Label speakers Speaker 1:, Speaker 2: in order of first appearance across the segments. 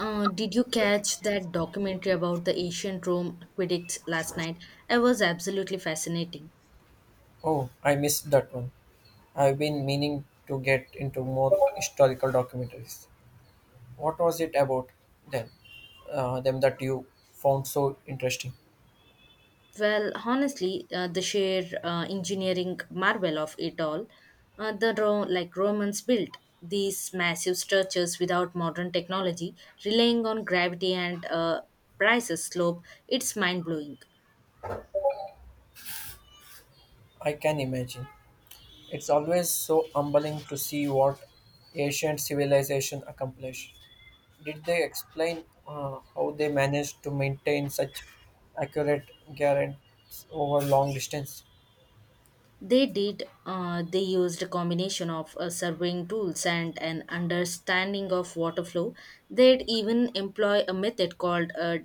Speaker 1: Did you catch that documentary about the ancient Rome aqueducts last night? It was absolutely fascinating.
Speaker 2: Oh, I missed that one. I've been meaning to get into more historical documentaries. What was it about them, them that you found so interesting?
Speaker 1: Well, honestly, the sheer engineering marvel of it all, the Romans built these massive structures without modern technology, relying on gravity and prices slope. It's mind blowing.
Speaker 2: I can imagine. It's always so humbling to see what ancient civilization accomplished. Did they explain how they managed to maintain such accurate guarantees over long distance?
Speaker 1: They did. They used a combination of surveying tools and an understanding of water flow. They'd even employ a method called a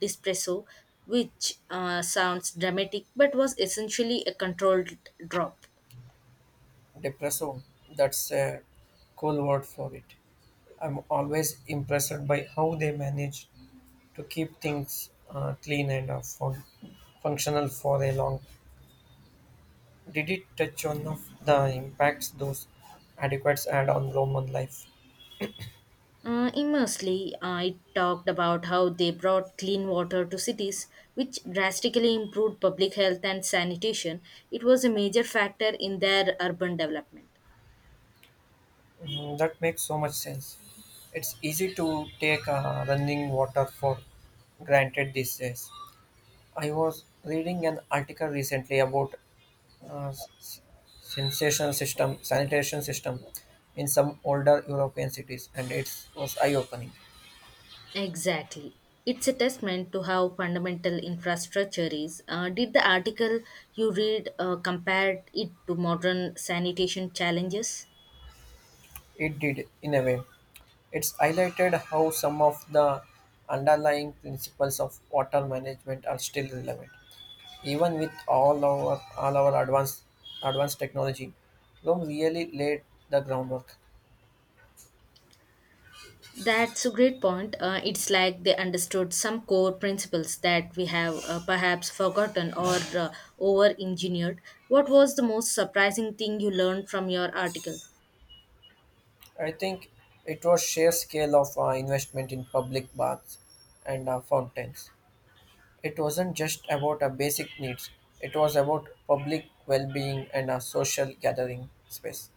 Speaker 1: dispresso, which sounds dramatic but was essentially a controlled drop.
Speaker 2: Depresso. That's a cool word for it. I'm always impressed by how they manage to keep things clean and functional for a long. Did it touch on of the impacts those adequates had on Roman life?
Speaker 1: Immersely, I talked about how they brought clean water to cities, which drastically improved public health and sanitation. It was a major factor in their urban development.
Speaker 2: Mm, that makes so much sense. It's easy to take running water for granted these days. I was reading an article recently about uh, s- sensation sanitation system in some older European cities, and it was eye-opening.
Speaker 1: Exactly. It's a testament to how fundamental infrastructure is. Did the article you read compare it to modern sanitation challenges?
Speaker 2: It did, in a way. It's highlighted how some of the underlying principles of water management are still relevant. Even with all our advanced technology, Rome really laid the groundwork.
Speaker 1: That's a great point. It's like they understood some core principles that we have perhaps forgotten or over engineered. What was the most surprising thing you learned from your article?
Speaker 2: I think it was sheer scale of investment in public baths and fountains. It wasn't just about basic needs. It was about public well-being and a social gathering space.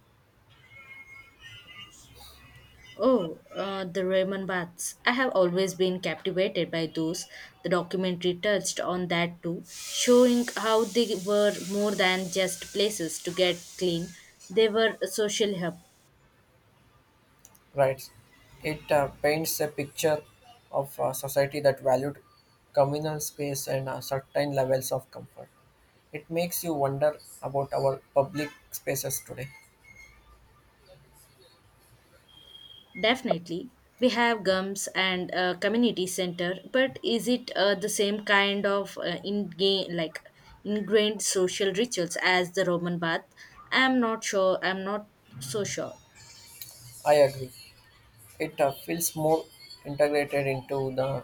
Speaker 1: Oh, the Raymond Baths. I have always been captivated by those. The documentary touched on that too, showing how they were more than just places to get clean. They were a social hub.
Speaker 2: Right. It paints a picture of a society that valued communal space and certain levels of comfort. It makes you wonder about our public spaces today.
Speaker 1: Definitely. We have GUMS and a community center, but is it the same kind of in like ingrained social rituals as the Roman Bath? I'm not so sure.
Speaker 2: I agree. It feels more integrated into the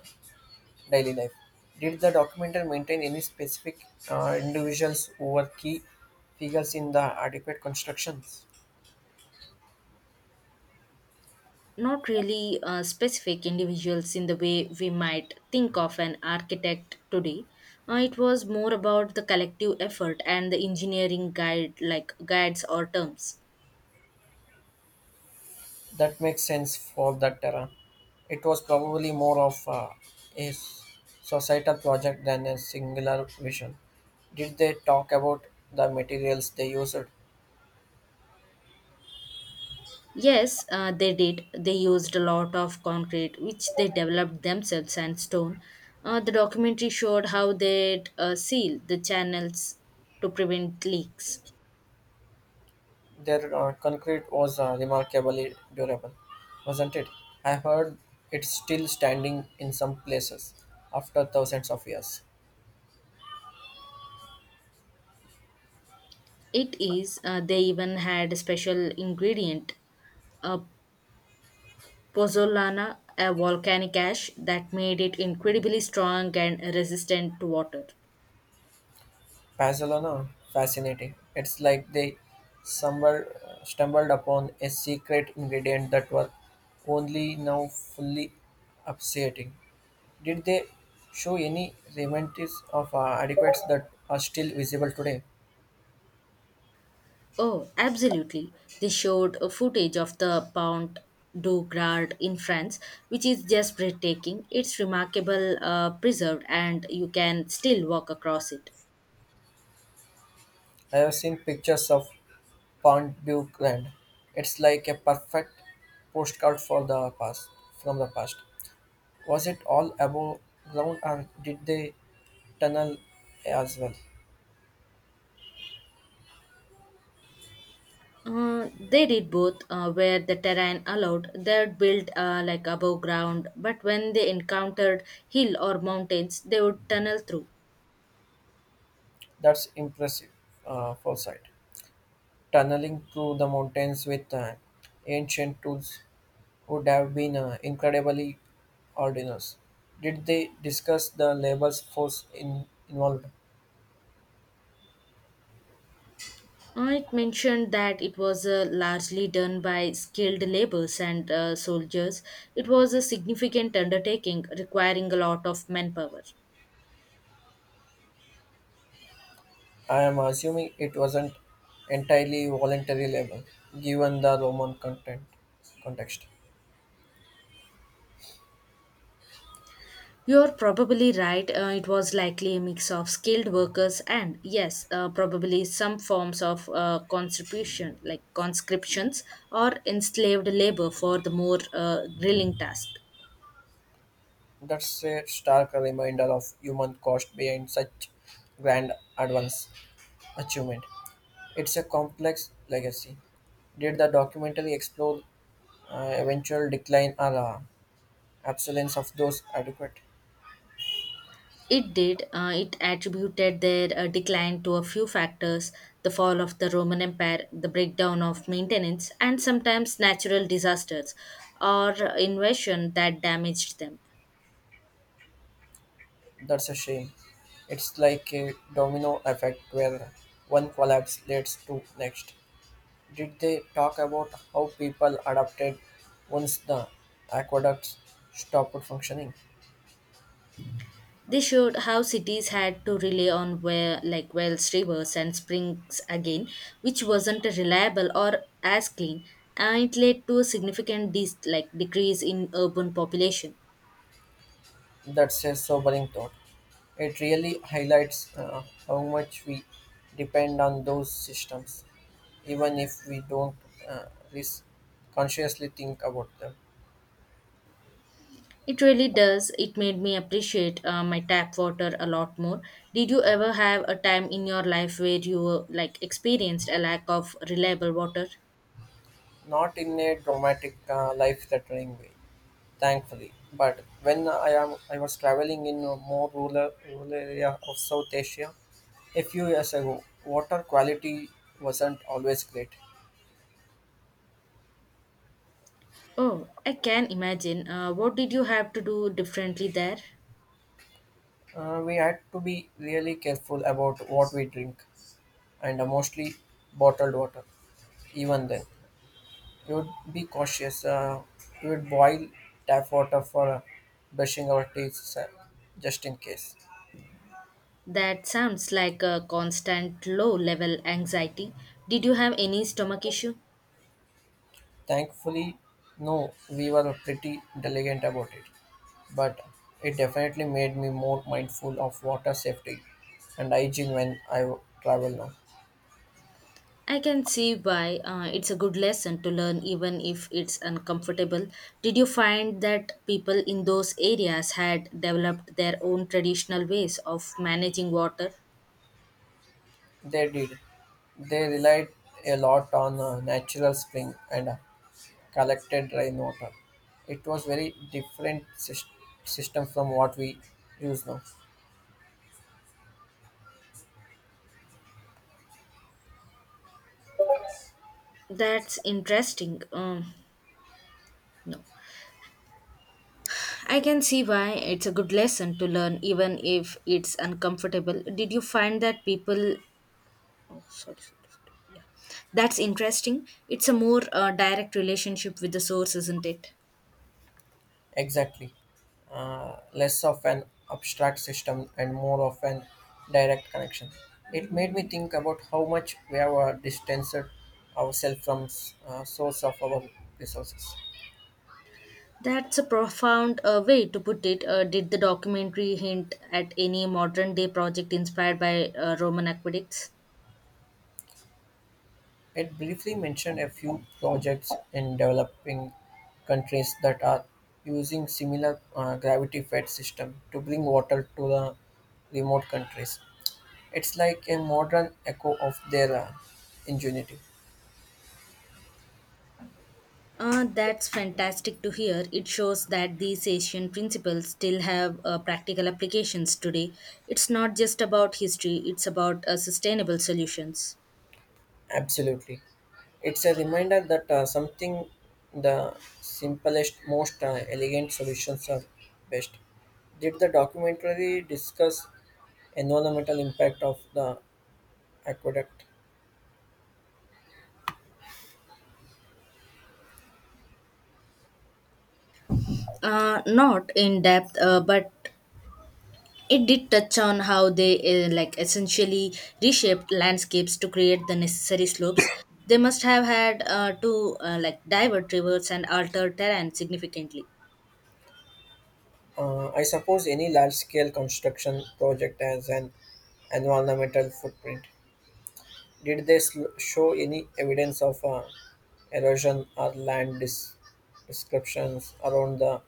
Speaker 2: daily life. Did the documentary maintain any specific individuals who were key figures in the adequate constructions?
Speaker 1: Not really specific individuals in the way we might think of an architect today. It was more about the collective effort and the engineering guides or terms.
Speaker 2: That makes sense for that era. It was probably more of a societal project than a singular vision. Did they talk about the materials they used?
Speaker 1: Yes, they did. They used a lot of concrete, which they developed themselves, and stone. The documentary showed how they'd seal the channels to prevent leaks.
Speaker 2: Their concrete was remarkably durable, wasn't it? I heard it's still standing in some places after thousands of years.
Speaker 1: It is, they even had a special ingredient, a pozzolana, a volcanic ash that made it incredibly strong and resistant to water.
Speaker 2: Barcelona? Fascinating. It's like they somewhere stumbled upon a secret ingredient that was only now fully upsetting. Did they show any remnants of adequates that are still visible today?
Speaker 1: Oh, absolutely. They showed a footage of the Pont du Gard in France, which is just breathtaking. It's remarkable, preserved, and you can still walk across it.
Speaker 2: I have seen pictures of Pont-du-Land. It's like a perfect postcard for the past from the past. Was it all above ground or did they tunnel as well?
Speaker 1: They did both where the terrain allowed. They would build above ground, but when they encountered hill or mountains, they would tunnel through.
Speaker 2: That's impressive foresight. Tunneling through the mountains with ancient tools would have been incredibly arduous. Did they discuss the labor force involved?
Speaker 1: It mentioned that it was largely done by skilled laborers and soldiers. It was a significant undertaking requiring a lot of manpower.
Speaker 2: I am assuming it wasn't entirely voluntary labor, given the Roman content context.
Speaker 1: You're probably right. It was likely a mix of skilled workers and, yes, probably some forms of conscriptions or enslaved labor for the more grilling task.
Speaker 2: That's a stark reminder of human cost behind such grand advance achievement. It's a complex legacy. Did the documentary explore eventual decline or absence of those adequate.
Speaker 1: It did. It attributed their decline to a few factors: the fall of the Roman Empire, the breakdown of maintenance, and sometimes natural disasters or invasion that damaged them.
Speaker 2: That's a shame. It's like a domino effect where one collapse leads to next. Did they talk about how people adapted once the aqueducts stopped functioning?
Speaker 1: They showed how cities had to rely on wells, rivers, and springs again, which wasn't reliable or as clean, and it led to a significant decrease in urban population.
Speaker 2: That's a sobering thought. It really highlights how much we depend on those systems, even if we don't uh, res- consciously think about them.
Speaker 1: It really does. It made me appreciate my tap water a lot more. Did you ever have a time in your life where you experienced a lack of reliable water?
Speaker 2: Not in a dramatic, life-threatening way, thankfully. But when I am, I was traveling in a more rural area of South Asia a few years ago. Water quality wasn't always great.
Speaker 1: Oh, I can imagine. What did you have to do differently there?
Speaker 2: We had to be really careful about what we drink, and mostly bottled water. Even then, we would be cautious. We would boil tap water for brushing our teeth, just in case.
Speaker 1: That sounds like a constant low level anxiety. Did you have any stomach issue?
Speaker 2: Thankfully, no, we were pretty diligent about it, but it definitely made me more mindful of water safety and hygiene when I travel now.
Speaker 1: I can see why it's a good lesson to learn, even if it's uncomfortable. Did you find that people in those areas had developed their own traditional ways of managing water?
Speaker 2: They did. They relied a lot on natural spring and collected rainwater. It was very system from what we use now.
Speaker 1: That's interesting. No. I can see why it's a good lesson to learn, even if it's uncomfortable. Did you find that people. Oh, sorry. Yeah. That's interesting. It's a more direct relationship with the source, isn't it?
Speaker 2: Exactly. Less of an abstract system and more of an direct connection. It made me think about how much we have distanced ourselves from source of our resources.
Speaker 1: That's a profound way to put it. Did the documentary hint at any modern day project inspired by Roman aqueducts?
Speaker 2: It briefly mentioned a few projects in developing countries that are using similar gravity fed system to bring water to the remote countries. It's like a modern echo of their ingenuity.
Speaker 1: That's fantastic to hear. It shows that these ancient principles still have practical applications today. It's not just about history, it's about sustainable solutions.
Speaker 2: Absolutely. It's a reminder that something the simplest, most elegant solutions are best. Did the documentary discuss environmental impact of the aqueduct?
Speaker 1: Not in depth, but it did touch on how they essentially reshaped landscapes to create the necessary slopes. They must have had to divert rivers and alter terrain significantly.
Speaker 2: I suppose any large-scale construction project has an environmental footprint. Did they show any evidence of erosion or descriptions around the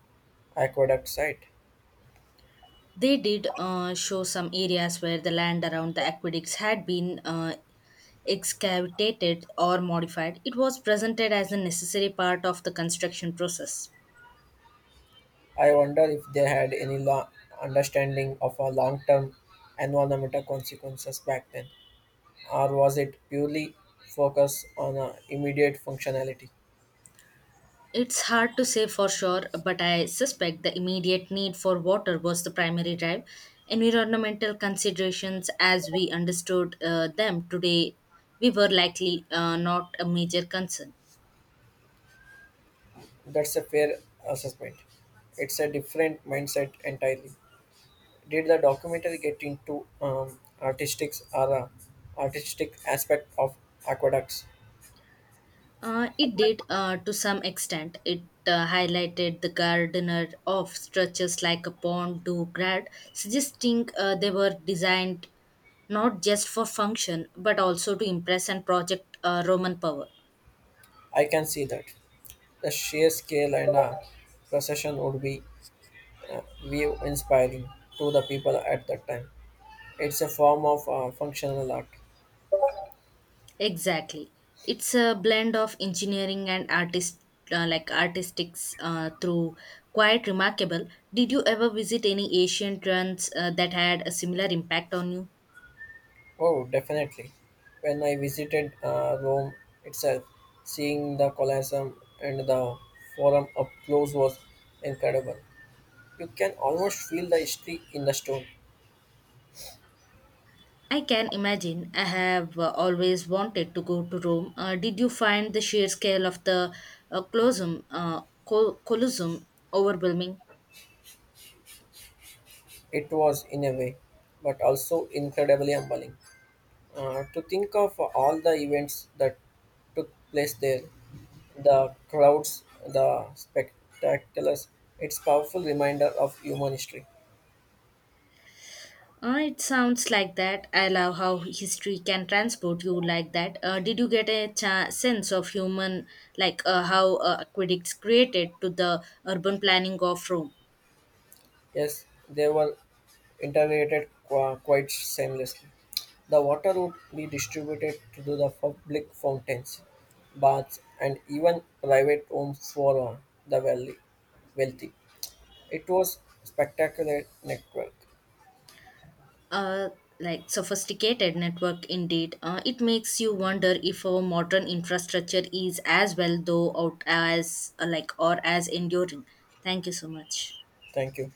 Speaker 2: aqueduct site?
Speaker 1: They did show some areas where the land around the aqueducts had been excavated or modified. It was presented as a necessary part of the construction process.
Speaker 2: I wonder if they had any understanding of our long-term environmental consequences back then, or was it purely focused on immediate functionality?
Speaker 1: It's hard to say for sure, but I suspect the immediate need for water was the primary drive. Environmental considerations, as we understood them today, we were likely not a major concern.
Speaker 2: That's a fair assessment. It's a different mindset entirely. Did the documentary get into artistic aspect of aqueducts?
Speaker 1: It did to some extent. It highlighted the gardener of structures like a pond, do, grad, suggesting they were designed not just for function but also to impress and project Roman power.
Speaker 2: I can see that. The sheer scale and procession would be view inspiring to the people at that time. It's a form of functional art.
Speaker 1: Exactly. It's a blend of engineering and artistics through quite remarkable. Did you ever visit any Asian trends that had a similar impact on you?
Speaker 2: Oh, definitely. When I visited Rome itself, seeing the Colosseum and the Forum up close was incredible. You can almost feel the history in the stone.
Speaker 1: I can imagine. I have always wanted to go to Rome. Did you find the sheer scale of the uh, Colosseum, uh, Colosseum overwhelming?
Speaker 2: It was, in a way, but also incredibly humbling. To think of all the events that took place there, the crowds, the spectaculars, it's powerful reminder of human history.
Speaker 1: It sounds like that. I love how history can transport you like that. Did you get a sense of human, how aqueducts created to the urban planning of Rome?
Speaker 2: Yes, there were integrated quite seamlessly. The water would be distributed to the public fountains, baths, and even private homes for the wealthy. Wealthy. It was spectacular network.
Speaker 1: Uh, Sophisticated network indeed. It makes you wonder if our modern infrastructure is as well though out as or as enduring. Thank you so much.
Speaker 2: Thank you.